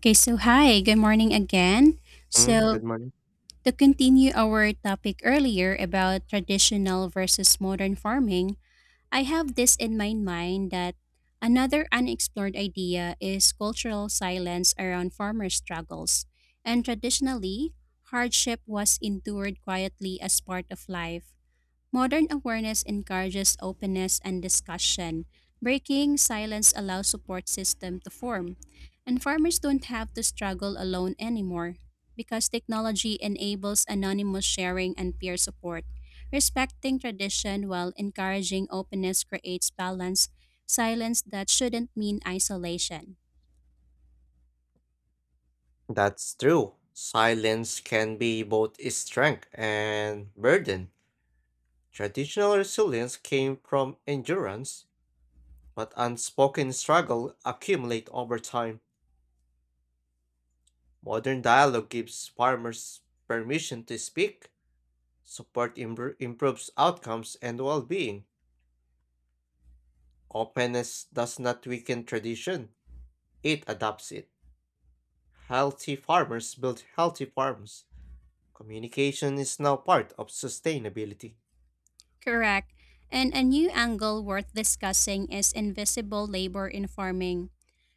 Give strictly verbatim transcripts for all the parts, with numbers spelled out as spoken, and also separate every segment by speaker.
Speaker 1: Okay, so hi, good morning again.
Speaker 2: Mm, good
Speaker 1: So,
Speaker 2: morning.
Speaker 1: to continue our topic earlier about traditional versus modern farming, I have this in my mind that another unexplored idea is cultural silence around farmer struggles. And traditionally, hardship was endured quietly as part of life. Modern awareness encourages openness and discussion. Breaking silence allows support system to form, and farmers don't have to struggle alone anymore because technology enables anonymous sharing and peer support. Respecting tradition while encouraging openness creates balance, silence that shouldn't mean isolation.
Speaker 2: That's true. Silence can be both a strength and burden. Traditional resilience came from endurance, but unspoken struggle accumulate over time. Modern dialogue gives farmers permission to speak, support imbr- improves outcomes and well-being. Openness does not weaken tradition, it adapts it. Healthy farmers build healthy farms. Communication is now part of sustainability.
Speaker 1: Correct. And a new angle worth discussing is invisible labor in farming.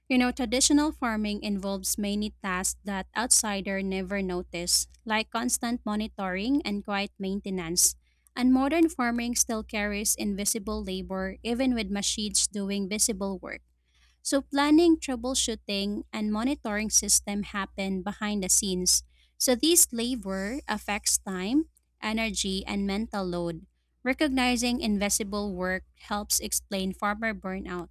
Speaker 1: You know, traditional farming involves many tasks that outsider never notice, like constant monitoring and quiet maintenance. And modern farming still carries invisible labor even with machines doing visible work. So planning, troubleshooting, and monitoring system happen behind the scenes. So this labor affects time, energy, and mental load. Recognizing invisible work helps explain farmer burnout.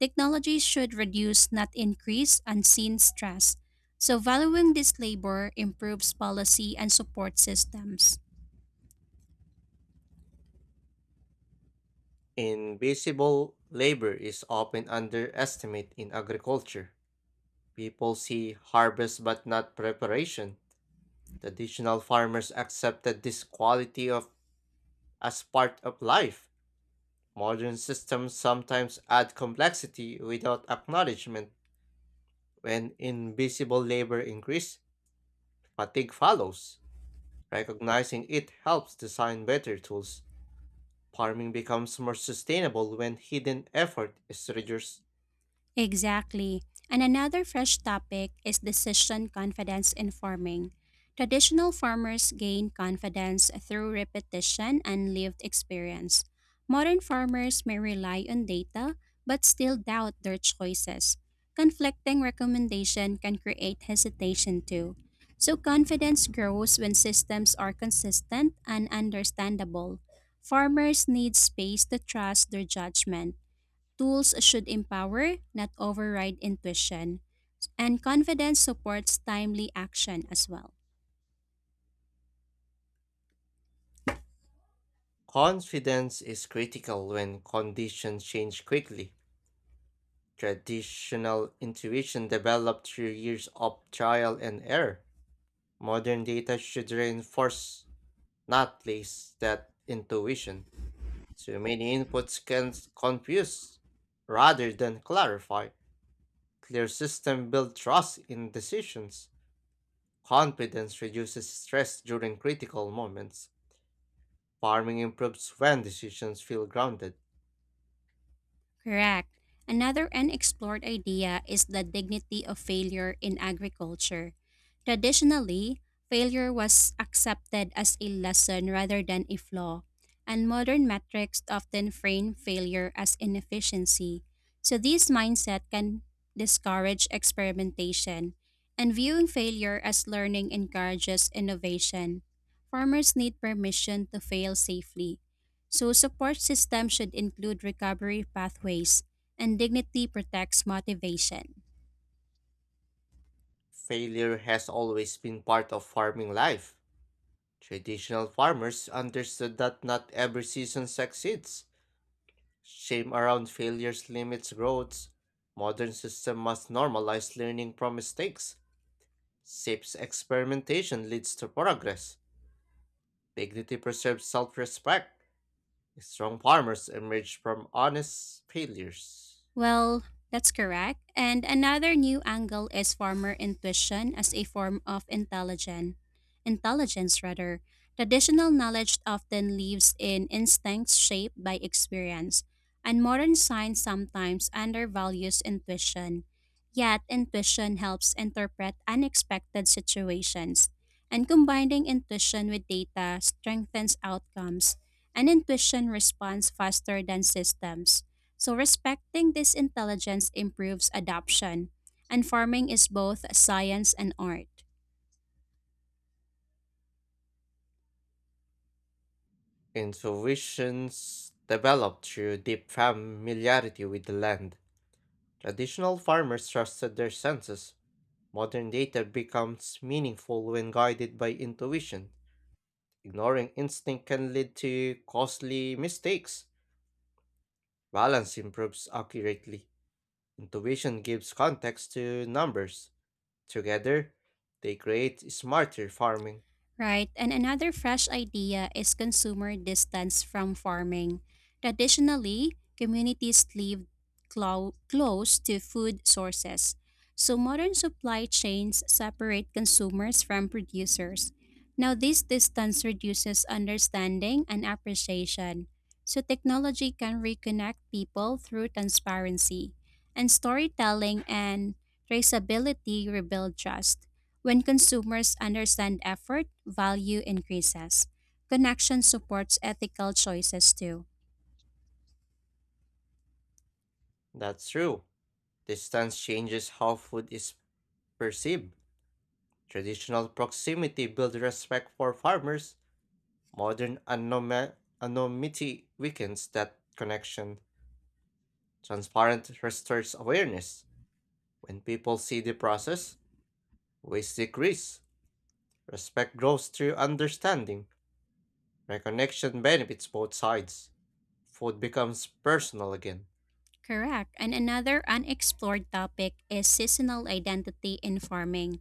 Speaker 1: Technology should reduce, not increase, unseen stress. So valuing this labor improves policy and support systems.
Speaker 2: Invisible labor is often underestimated in agriculture. People see harvest but not preparation. Traditional farmers accepted this quality of as part of life. Modern systems sometimes add complexity without acknowledgement. When invisible labor increases, fatigue follows. Recognizing it helps design better tools. Farming becomes more sustainable when hidden effort is reduced.
Speaker 1: Exactly. And another fresh topic is decision confidence in farming. Traditional farmers gain confidence through repetition and lived experience. Modern farmers may rely on data but still doubt their choices. Conflicting recommendation can create hesitation too. So confidence grows when systems are consistent and understandable. Farmers need space to trust their judgment. Tools should empower, not override intuition, and confidence supports timely action as well.
Speaker 2: Confidence is critical when conditions change quickly. Traditional intuition developed through years of trial and error. Modern data should reinforce, not place that intuition. Too many inputs can s- confuse rather than clarify. Clear system build trust in decisions. Confidence reduces stress during critical moments. Farming improves when decisions feel grounded.
Speaker 1: Correct. Another unexplored idea is the dignity of failure in agriculture. Traditionally, failure was accepted as a lesson rather than a flaw, and modern metrics often frame failure as inefficiency. So, this mindset can discourage experimentation, and viewing failure as learning encourages innovation. Farmers need permission to fail safely, so support systems should include recovery pathways and dignity protects motivation.
Speaker 2: Failure has always been part of farming life. Traditional farmers understood that not every season succeeds. Shame around failures limits growth. Modern system must normalize learning from mistakes. Safe experimentation leads to progress. Dignity preserves self-respect. Strong farmers emerge from honest failures.
Speaker 1: Well, that's correct. And another new angle is farmer intuition as a form of intelligence. Intelligence, rather. Traditional knowledge often lives in instincts shaped by experience, and modern science sometimes undervalues intuition. Yet, intuition helps interpret unexpected situations, and combining intuition with data strengthens outcomes, and intuition responds faster than systems. So respecting this intelligence improves adoption, and farming is both science and art.
Speaker 2: Intuitions develop through deep familiarity with the land. Traditional farmers trusted their senses. Modern data becomes meaningful when guided by intuition. Ignoring instinct can lead to costly mistakes. Balance improves accurately. Intuition gives context to numbers. Together, they create smarter farming.
Speaker 1: Right, and another fresh idea is consumer distance from farming. Traditionally, communities lived clo- close to food sources, so modern supply chains separate consumers from producers. Now, this distance reduces understanding and appreciation. So, technology can reconnect people through transparency, and storytelling and traceability rebuild trust. When consumers understand effort, value increases. Connection supports ethical choices too.
Speaker 2: That's true. Distance changes how food is perceived. Traditional proximity builds respect for farmers. Modern anoma- anonymity weakens that connection. Transparent restores awareness. When people see the process, waste decrease. Respect grows through understanding. Reconnection benefits both sides. Food becomes personal again.
Speaker 1: Correct. And another unexplored topic is seasonal identity in farming.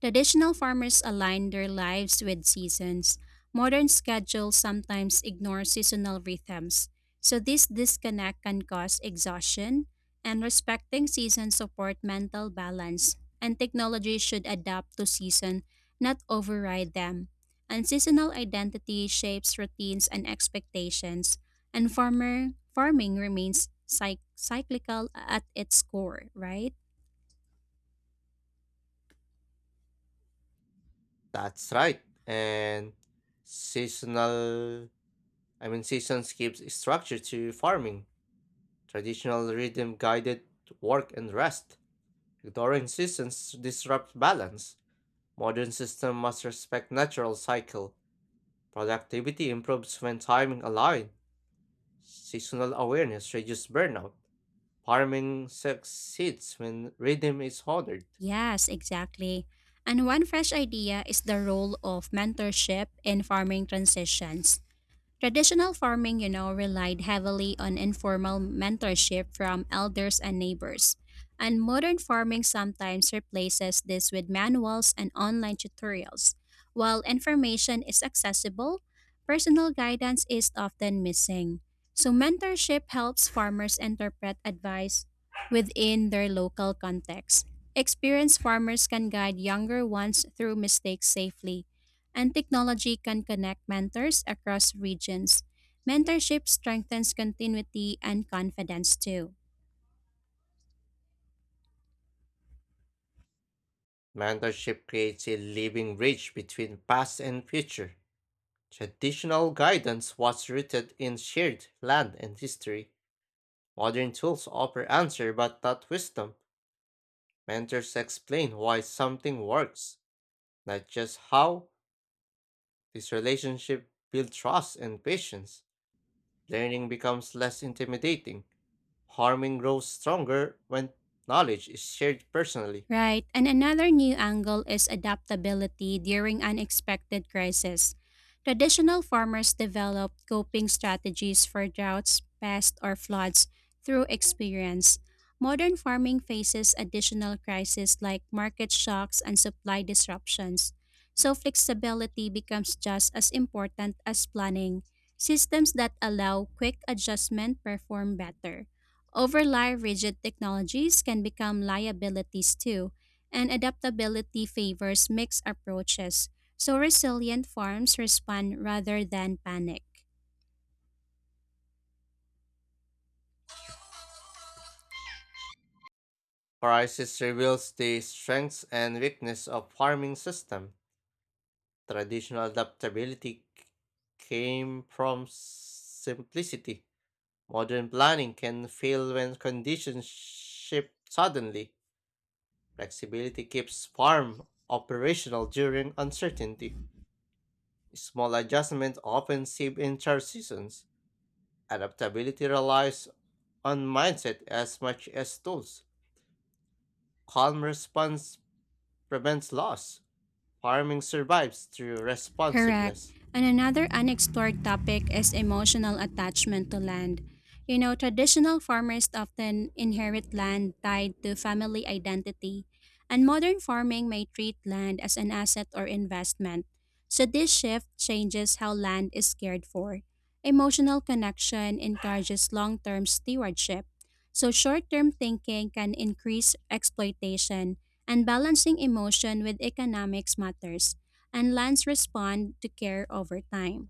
Speaker 1: Traditional farmers align their lives with seasons. Modern schedules sometimes ignore seasonal rhythms, so this disconnect can cause exhaustion, and respecting seasons support mental balance, and technology should adapt to season, not override them. And seasonal identity shapes routines and expectations, and farmer farming remains cyc- cyclical at its core, right?
Speaker 2: That's right. And seasonal, I mean, seasons gives structure to farming. Traditional rhythm guided work and rest. Ignoring seasons disrupts balance. Modern system must respect natural cycle. Productivity improves when timing aligned. Seasonal awareness reduces burnout. Farming succeeds when rhythm is honored.
Speaker 1: Yes, exactly. And one fresh idea is the role of mentorship in farming transitions. Traditional farming, you know, relied heavily on informal mentorship from elders and neighbors. And modern farming sometimes replaces this with manuals and online tutorials. While information is accessible, personal guidance is often missing. So, mentorship helps farmers interpret advice within their local context. Experienced farmers can guide younger ones through mistakes safely, and technology can connect mentors across regions. Mentorship strengthens continuity and confidence too.
Speaker 2: Mentorship creates a living bridge between past and future. Traditional guidance was rooted in shared land and history. Modern tools offer answer but not wisdom. Mentors explain why something works, not just how. This relationship builds trust and patience. Learning becomes less intimidating. Harming grows stronger when knowledge is shared personally.
Speaker 1: Right. And another new angle is adaptability during unexpected crisis. Traditional farmers developed coping strategies for droughts, pests, or floods through experience. Modern farming faces additional crises like market shocks and supply disruptions. So, flexibility becomes just as important as planning. Systems that allow quick adjustment perform better. Overly rigid technologies can become liabilities too, and adaptability favors mixed approaches, so resilient farms respond rather than panic.
Speaker 2: Crisis reveals the strengths and weakness of farming system. Traditional adaptability c- came from simplicity. Modern planning can fail when conditions shift suddenly. Flexibility keeps farm operational during uncertainty. Small adjustments often save entire seasons. Adaptability relies on mindset as much as tools. Calm response prevents loss. Farming survives through
Speaker 1: Correct.
Speaker 2: responsiveness.
Speaker 1: And another unexplored topic is emotional attachment to land. You know, traditional farmers often inherit land tied to family identity, and modern farming may treat land as an asset or investment. So, this shift changes how land is cared for. Emotional connection encourages long term stewardship. So, short term thinking can increase exploitation, and balancing emotion with economics matters and lands respond to care over time.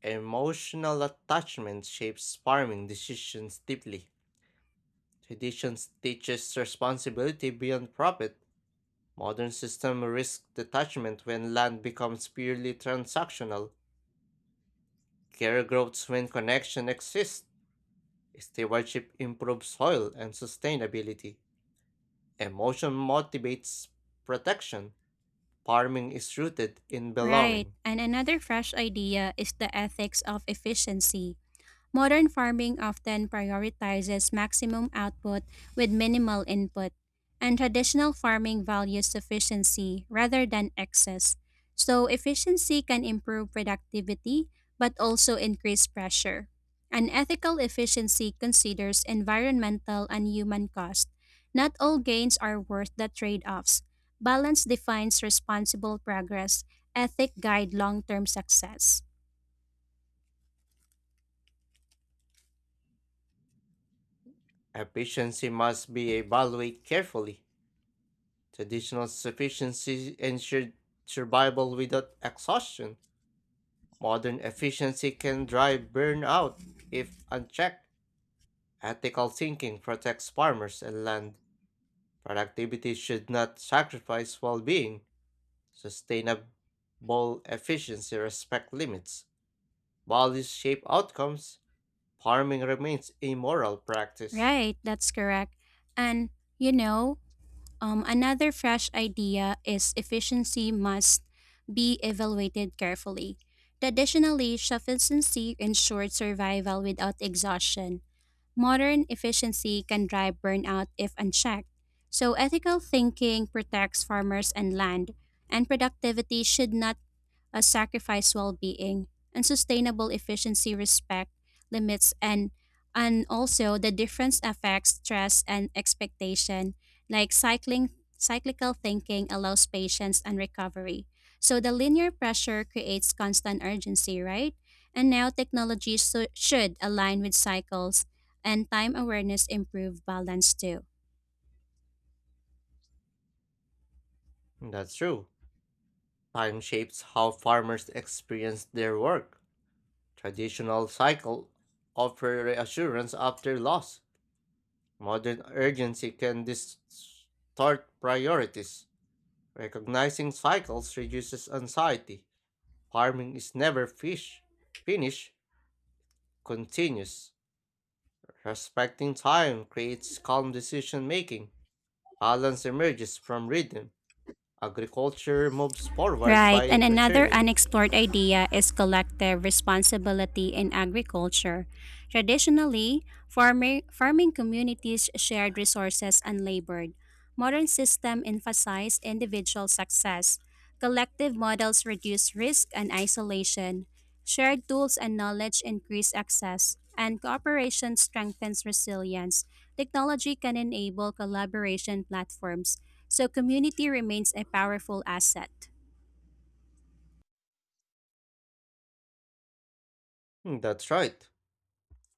Speaker 2: Emotional attachment shapes farming decisions deeply. Traditions teaches responsibility beyond profit. Modern system risk detachment when land becomes purely transactional. Care grows when connection exists. Stewardship improves soil and sustainability. Emotion motivates protection. Farming is rooted in
Speaker 1: Right,
Speaker 2: belonging.
Speaker 1: and another fresh idea is the ethics of efficiency. Modern farming often prioritizes maximum output with minimal input, and traditional farming values efficiency rather than excess. So, efficiency can improve productivity but also increase pressure. An ethical efficiency considers environmental and human cost. Not all gains are worth the trade offs. Balance defines responsible progress, ethic guide long term success.
Speaker 2: Efficiency must be evaluated carefully. Traditional sufficiency ensured survival without exhaustion. Modern efficiency can drive burnout if unchecked. Ethical thinking protects farmers and land. Productivity should not sacrifice well being. Sustainable efficiency respect limits. While these shape outcomes, farming remains a moral practice.
Speaker 1: Right, that's correct. And you know, um, another fresh idea is efficiency must be evaluated carefully. Traditionally, sufficiency ensured survival without exhaustion. Modern efficiency can drive burnout if unchecked. So, ethical thinking protects farmers and land, and productivity should not a sacrifice well-being, and sustainable efficiency respect limits, and and also the difference affects stress and expectation, like cycling cyclical thinking allows patience and recovery, so the linear pressure creates constant urgency, right? And now technology so- should align with cycles, and time awareness improve balance too.
Speaker 2: That's true. Time shapes how farmers experience their work. Traditional cycle offer reassurance after loss. Modern urgency can distort priorities. Recognizing cycles reduces anxiety. Farming is never fish, finish, continuous. Respecting time creates calm decision making. Balance emerges from rhythm. Agriculture moves forward
Speaker 1: Right,
Speaker 2: by
Speaker 1: and another
Speaker 2: returning.
Speaker 1: unexplored idea is collective responsibility in agriculture. Traditionally, farming, farming communities shared resources and labored. Modern systems emphasize individual success. Collective models reduce risk and isolation. Shared tools and knowledge increase access, and cooperation strengthens resilience. Technology can enable collaboration platforms, so community remains a powerful asset.
Speaker 2: Hmm. That's right.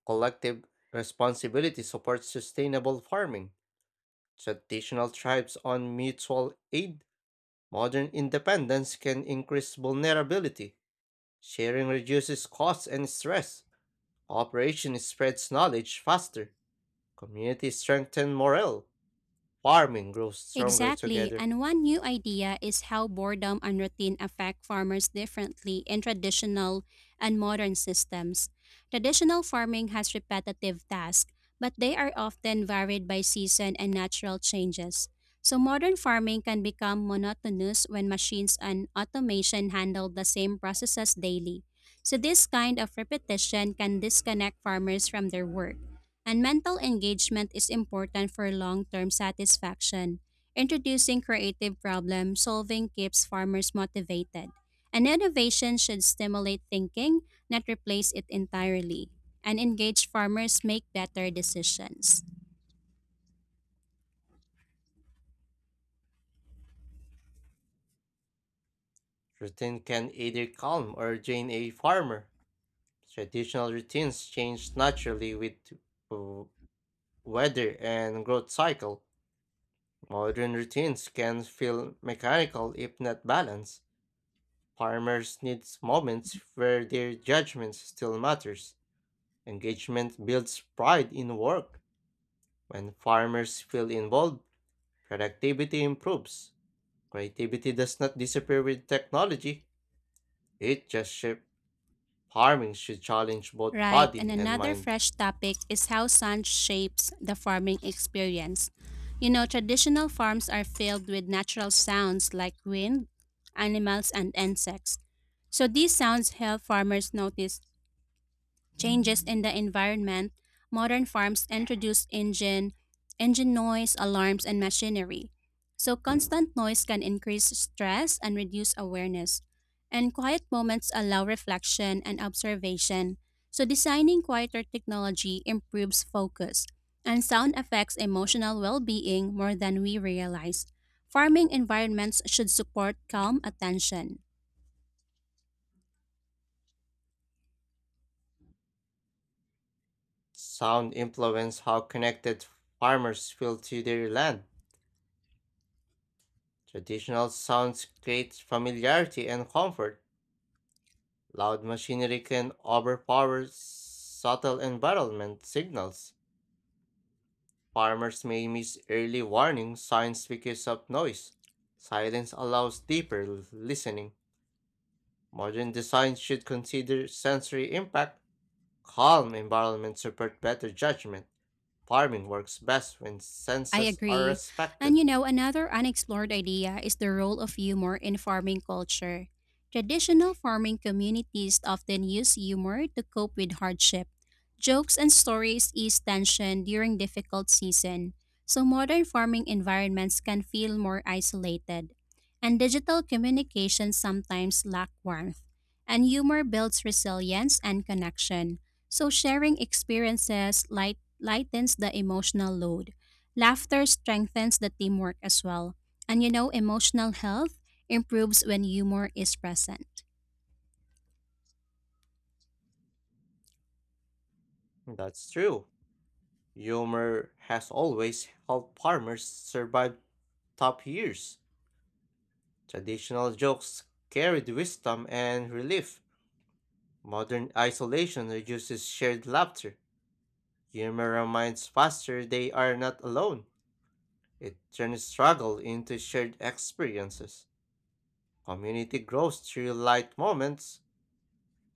Speaker 2: Collective responsibility supports sustainable farming. Traditional tribes on mutual aid. Modern independence can increase vulnerability. Sharing reduces costs and stress. Cooperation spreads knowledge faster. Communities strengthen morale. Farming grows stronger
Speaker 1: Exactly,
Speaker 2: together.
Speaker 1: and one new idea is how boredom and routine affect farmers differently in traditional and modern systems. Traditional farming has repetitive tasks, but they are often varied by season and natural changes. So, modern farming can become monotonous when machines and automation handle the same processes daily. So, this kind of repetition can disconnect farmers from their work. And mental engagement is important for long term satisfaction. Introducing creative problem solving keeps farmers motivated, and innovation should stimulate thinking, not replace it entirely, and engaged farmers make better decisions.
Speaker 2: Routine can either calm or drain a farmer. Traditional routines change naturally with w- weather and growth cycle. Modern routines can feel mechanical if not balanced. Farmers need moments where their judgment still matters. Engagement builds pride in work. When farmers feel involved, productivity improves. Creativity does not disappear with technology. It just shifts. Farming should challenge both
Speaker 1: Right, and
Speaker 2: body and
Speaker 1: another
Speaker 2: mind.
Speaker 1: fresh topic is how sun shapes the farming experience. You know, traditional farms are filled with natural sounds like wind, animals, and insects. So these sounds help farmers notice changes in the environment. Modern farms introduce engine, engine noise, alarms, and machinery. So constant noise can increase stress and reduce awareness. And quiet moments allow reflection and observation. So designing quieter technology improves focus. And sound affects emotional well-being more than we realize. Farming environments should support calm attention.
Speaker 2: Sound influence how connected farmers feel to their land. Traditional sounds create familiarity and comfort. Loud machinery can overpower subtle environment signals. Farmers may miss early warning signs because of noise. Silence allows deeper l- listening. Modern design should consider sensory impact. Calm environments support better judgment. Farming works best when
Speaker 1: I
Speaker 2: senses are
Speaker 1: agree. And
Speaker 2: respected.
Speaker 1: you know, another unexplored idea is the role of humor in farming culture. Traditional farming communities often use humor to cope with hardship. Jokes and stories ease tension during difficult season, so modern farming environments can feel more isolated. And digital communication sometimes lack warmth. And humor builds resilience and connection. So sharing experiences light lightens the emotional load. Laughter strengthens the teamwork as well. And you know, emotional health improves when humor is present.
Speaker 2: That's true. Humor has always helped farmers survive tough years. Traditional jokes carried wisdom and relief. Modern isolation reduces shared laughter. Humor reminds faster they are not alone. It turns struggle into shared experiences. Community grows through light moments.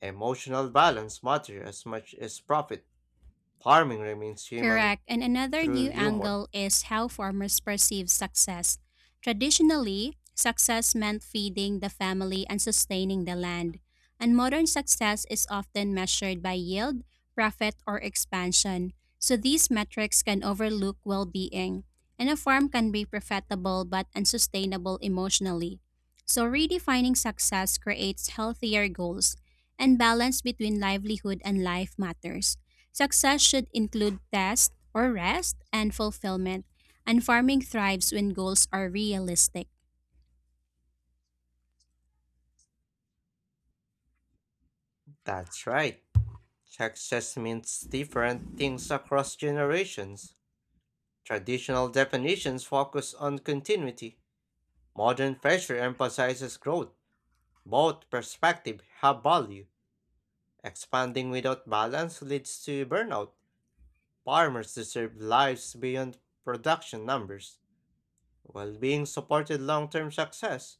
Speaker 2: Emotional balance matters as much as profit. Farming remains human
Speaker 1: Correct. And another
Speaker 2: through
Speaker 1: new
Speaker 2: humor.
Speaker 1: angle is how farmers perceive success. Traditionally, success meant feeding the family and sustaining the land. And modern success is often measured by yield, profit, or expansion. So these metrics can overlook well being. And a farm can be profitable but unsustainable emotionally. So redefining success creates healthier goals and balance between livelihood and life matters. Success should include rest or rest and fulfillment, and farming thrives when goals are realistic.
Speaker 2: That's right. Success means different things across generations. Traditional definitions focus on continuity. Modern pressure emphasizes growth. Both perspectives have value. Expanding without balance leads to burnout. Farmers deserve lives beyond production numbers. Well being supported long term success.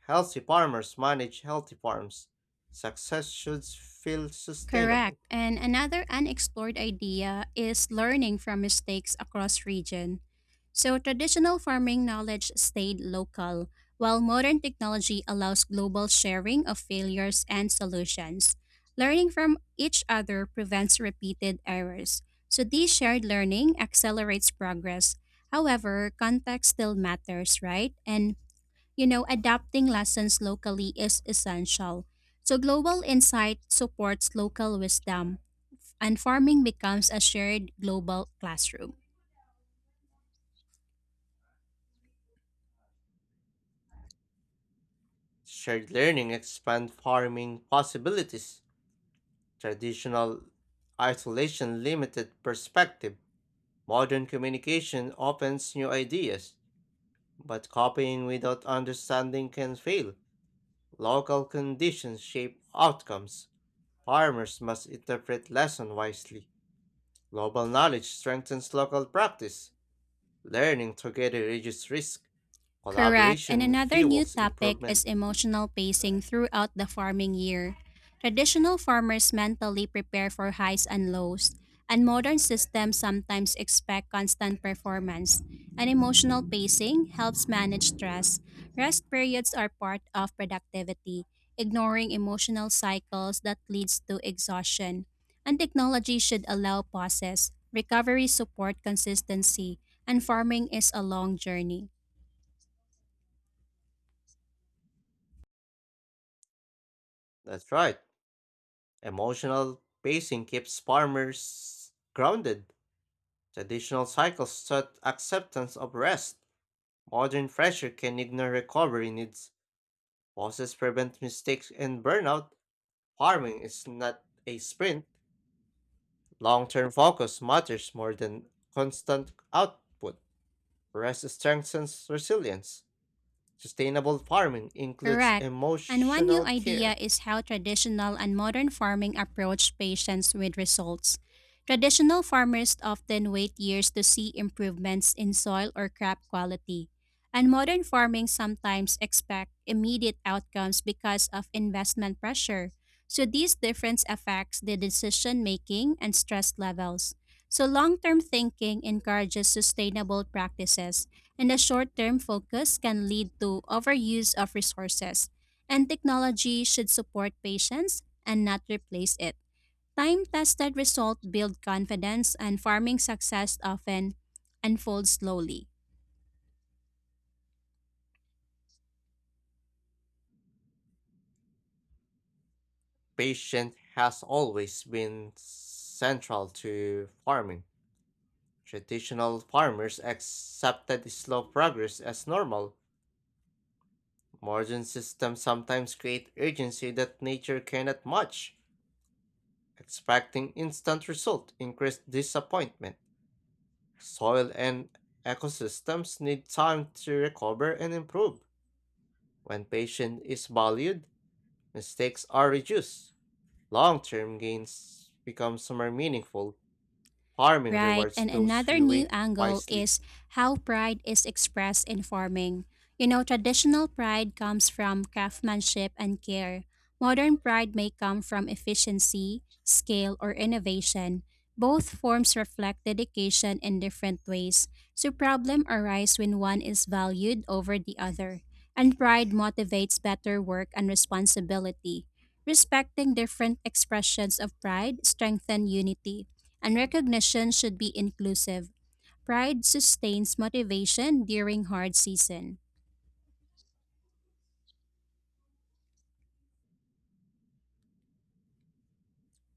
Speaker 2: Healthy farmers manage healthy farms. Success should feel
Speaker 1: Correct.
Speaker 2: sustainable.
Speaker 1: And another unexplored idea is learning from mistakes across region. So traditional farming knowledge stayed local, while modern technology allows global sharing of failures and solutions. Learning from each other prevents repeated errors. So this shared learning accelerates progress. However, context still matters, right? And you know, adapting lessons locally is essential. So global insight supports local wisdom, and farming becomes a shared global classroom.
Speaker 2: Shared learning expand farming possibilities. Traditional isolation limited perspective. Modern communication opens new ideas, but copying without understanding can fail. Local conditions shape outcomes. Farmers must interpret lesson wisely. Global knowledge strengthens local practice. Learning together reduces risk.
Speaker 1: Correct. And
Speaker 2: Collaboration
Speaker 1: another new
Speaker 2: fuels
Speaker 1: topic
Speaker 2: improvement.
Speaker 1: is emotional pacing throughout the farming year. Traditional farmers mentally prepare for highs and lows, and modern systems sometimes expect constant performance. And emotional pacing helps manage stress. Rest periods are part of productivity, ignoring emotional cycles that leads to exhaustion. And technology should allow pauses. Recovery support consistency, and farming is a long journey.
Speaker 2: That's right. Emotional pacing keeps farmers grounded. Traditional cycles sought acceptance of rest. Modern pressure can ignore recovery needs. Pauses prevent mistakes and burnout. Farming is not a sprint. Long term focus matters more than constant output. Rest strengthens resilience. Sustainable farming includes
Speaker 1: Correct. And one new
Speaker 2: emotional
Speaker 1: idea
Speaker 2: care.
Speaker 1: is how traditional and modern farming approach patients with results. Traditional farmers often wait years to see improvements in soil or crop quality. And modern farming sometimes expect immediate outcomes because of investment pressure. So these difference affects the decision making and stress levels. So long-term thinking encourages sustainable practices and a short term focus can lead to overuse of resources. And technology should support patients and not replace it. Time tested results build confidence, and farming success often unfolds slowly.
Speaker 2: Patience has always been central to farming. Traditional farmers accepted slow progress as normal. Modern systems sometimes create urgency that nature cannot match. Expecting instant result increased disappointment. Soil and ecosystems need time to recover and improve. When patience is valued, mistakes are reduced. Long-term gains become more meaningful. Farming
Speaker 1: Right.
Speaker 2: rewards
Speaker 1: And
Speaker 2: those
Speaker 1: another
Speaker 2: who
Speaker 1: new
Speaker 2: wait
Speaker 1: angle
Speaker 2: wisely.
Speaker 1: is how pride is expressed in farming. You know, traditional pride comes from craftsmanship and care. Modern pride may come from efficiency, scale, or innovation. Both forms reflect dedication in different ways. So problem arise when one is valued over the other. And pride motivates better work and responsibility. Respecting different expressions of pride strengthen unity. And recognition should be inclusive. Pride sustains motivation during hard season.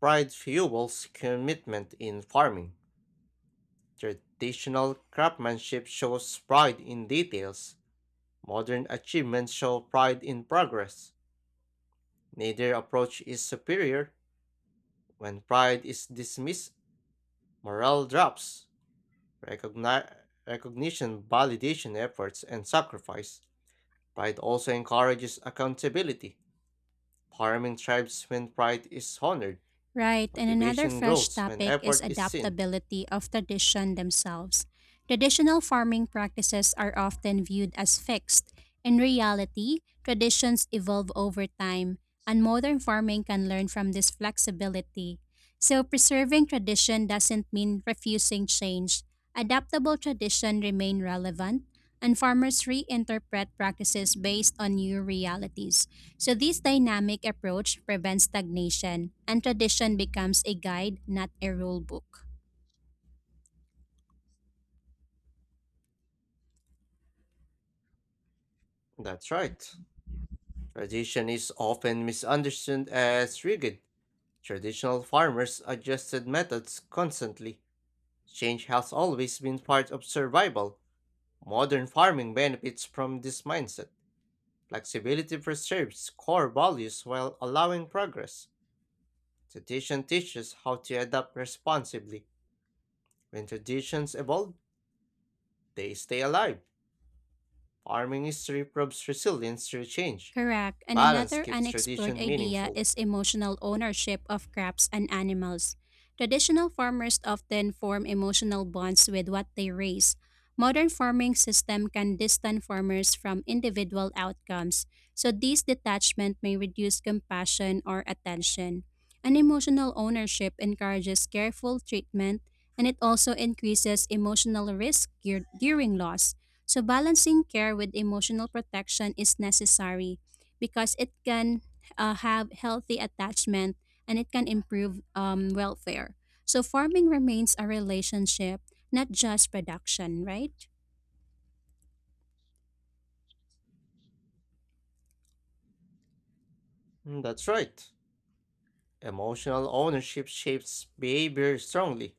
Speaker 2: Pride fuels commitment in farming. Traditional craftsmanship shows pride in details. Modern achievements show pride in progress. Neither approach is superior. When pride is dismissed, morale drops. Recogni- Recognition, validation efforts, and sacrifice. Pride also encourages accountability. Farming thrives when pride is honored.
Speaker 1: Right, and another
Speaker 2: Motivation
Speaker 1: fresh
Speaker 2: grows when
Speaker 1: topic is
Speaker 2: effort is seen.
Speaker 1: adaptability of tradition themselves. Traditional farming practices are often viewed as fixed. In reality, traditions evolve over time, and modern farming can learn from this flexibility. So, preserving tradition doesn't mean refusing change. Adaptable tradition remain relevant, and farmers reinterpret practices based on new realities. So this dynamic approach prevents stagnation and tradition becomes a guide, not a rule book.
Speaker 2: That's right. Tradition is often misunderstood as rigid. Traditional farmers adjusted methods constantly. Change has always been part of survival. Modern farming benefits from this mindset. Flexibility preserves core values while allowing progress. Tradition teaches how to adapt responsibly. When traditions evolve, they stay alive. Farming history proves resilience through change.
Speaker 1: Correct. And
Speaker 2: Balance
Speaker 1: another
Speaker 2: keeps
Speaker 1: unexplored
Speaker 2: tradition
Speaker 1: idea
Speaker 2: meaningful.
Speaker 1: is emotional ownership of crops and animals. Traditional farmers often form emotional bonds with what they raise. Modern farming system can distance farmers from individual outcomes, so this detachment may reduce compassion or attention. An emotional ownership encourages careful treatment, and it also increases emotional risk gear- during loss. So balancing care with emotional protection is necessary, because it can uh, have healthy attachment, and it can improve um, welfare. So farming remains a relationship, not just production, right?
Speaker 2: Mm, that's right. Emotional ownership shapes behavior strongly.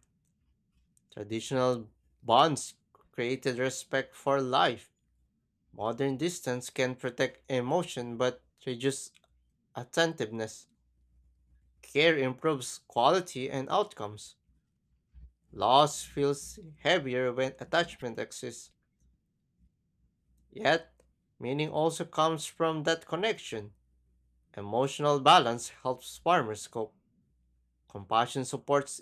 Speaker 2: Traditional bonds created respect for life. Modern distance can protect emotion but reduce attentiveness. Care improves quality and outcomes. Loss feels heavier when attachment exists. Yet, meaning also comes from that connection. Emotional balance helps farmers cope. Compassion supports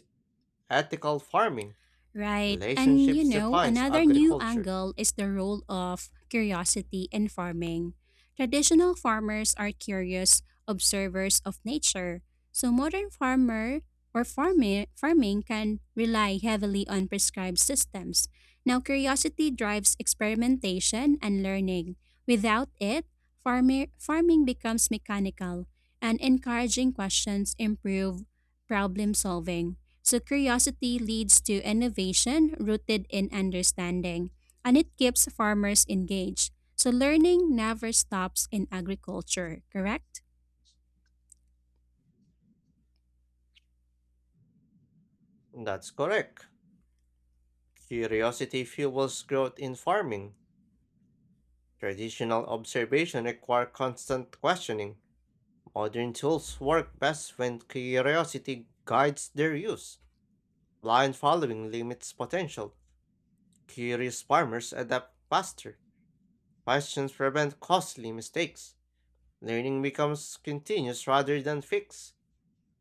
Speaker 2: ethical farming.
Speaker 1: Right. And you
Speaker 2: Relationships
Speaker 1: know,
Speaker 2: defines
Speaker 1: another new
Speaker 2: agriculture.
Speaker 1: angle is the role of curiosity in farming. Traditional farmers are curious observers of nature. So modern farmer or farming farming can rely heavily on prescribed systems. Now curiosity drives experimentation and learning. Without it, farmer, farming becomes mechanical, and encouraging questions improve problem solving. So curiosity leads to innovation rooted in understanding, and it keeps farmers engaged. So learning never stops in agriculture, correct?
Speaker 2: That's correct. Curiosity fuels growth in farming. Traditional observation require constant questioning. Modern tools work best when curiosity guides their use. Blind following limits potential. Curious farmers adapt faster. Questions prevent costly mistakes. Learning becomes continuous rather than fixed.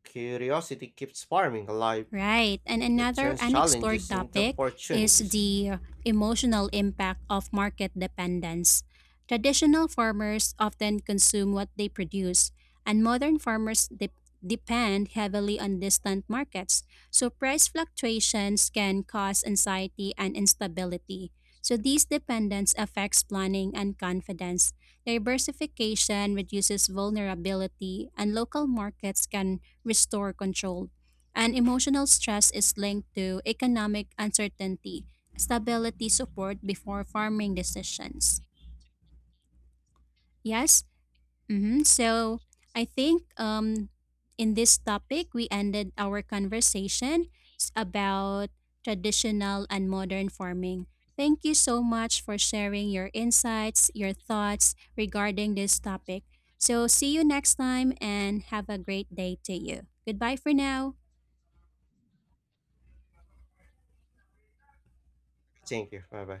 Speaker 2: Curiosity keeps farming alive.
Speaker 1: Right. And
Speaker 2: It
Speaker 1: another
Speaker 2: turns
Speaker 1: unexplored
Speaker 2: challenges into
Speaker 1: topic is
Speaker 2: opportunities.
Speaker 1: the emotional impact of market dependence. Traditional farmers often consume what they produce, and modern farmers de- depend heavily on distant markets. So, price fluctuations can cause anxiety and instability. So, these dependence affects planning and confidence. Diversification reduces vulnerability, and local markets can restore control. And emotional stress is linked to economic uncertainty, stability support before farming decisions. Yes? Mm-hmm. So I think um, in this topic, we ended our conversation s- about traditional and modern farming. Thank you so much for sharing your insights, your thoughts regarding this topic. So, see you next time and have a great day to you. Goodbye for now.
Speaker 2: Thank you. Bye bye.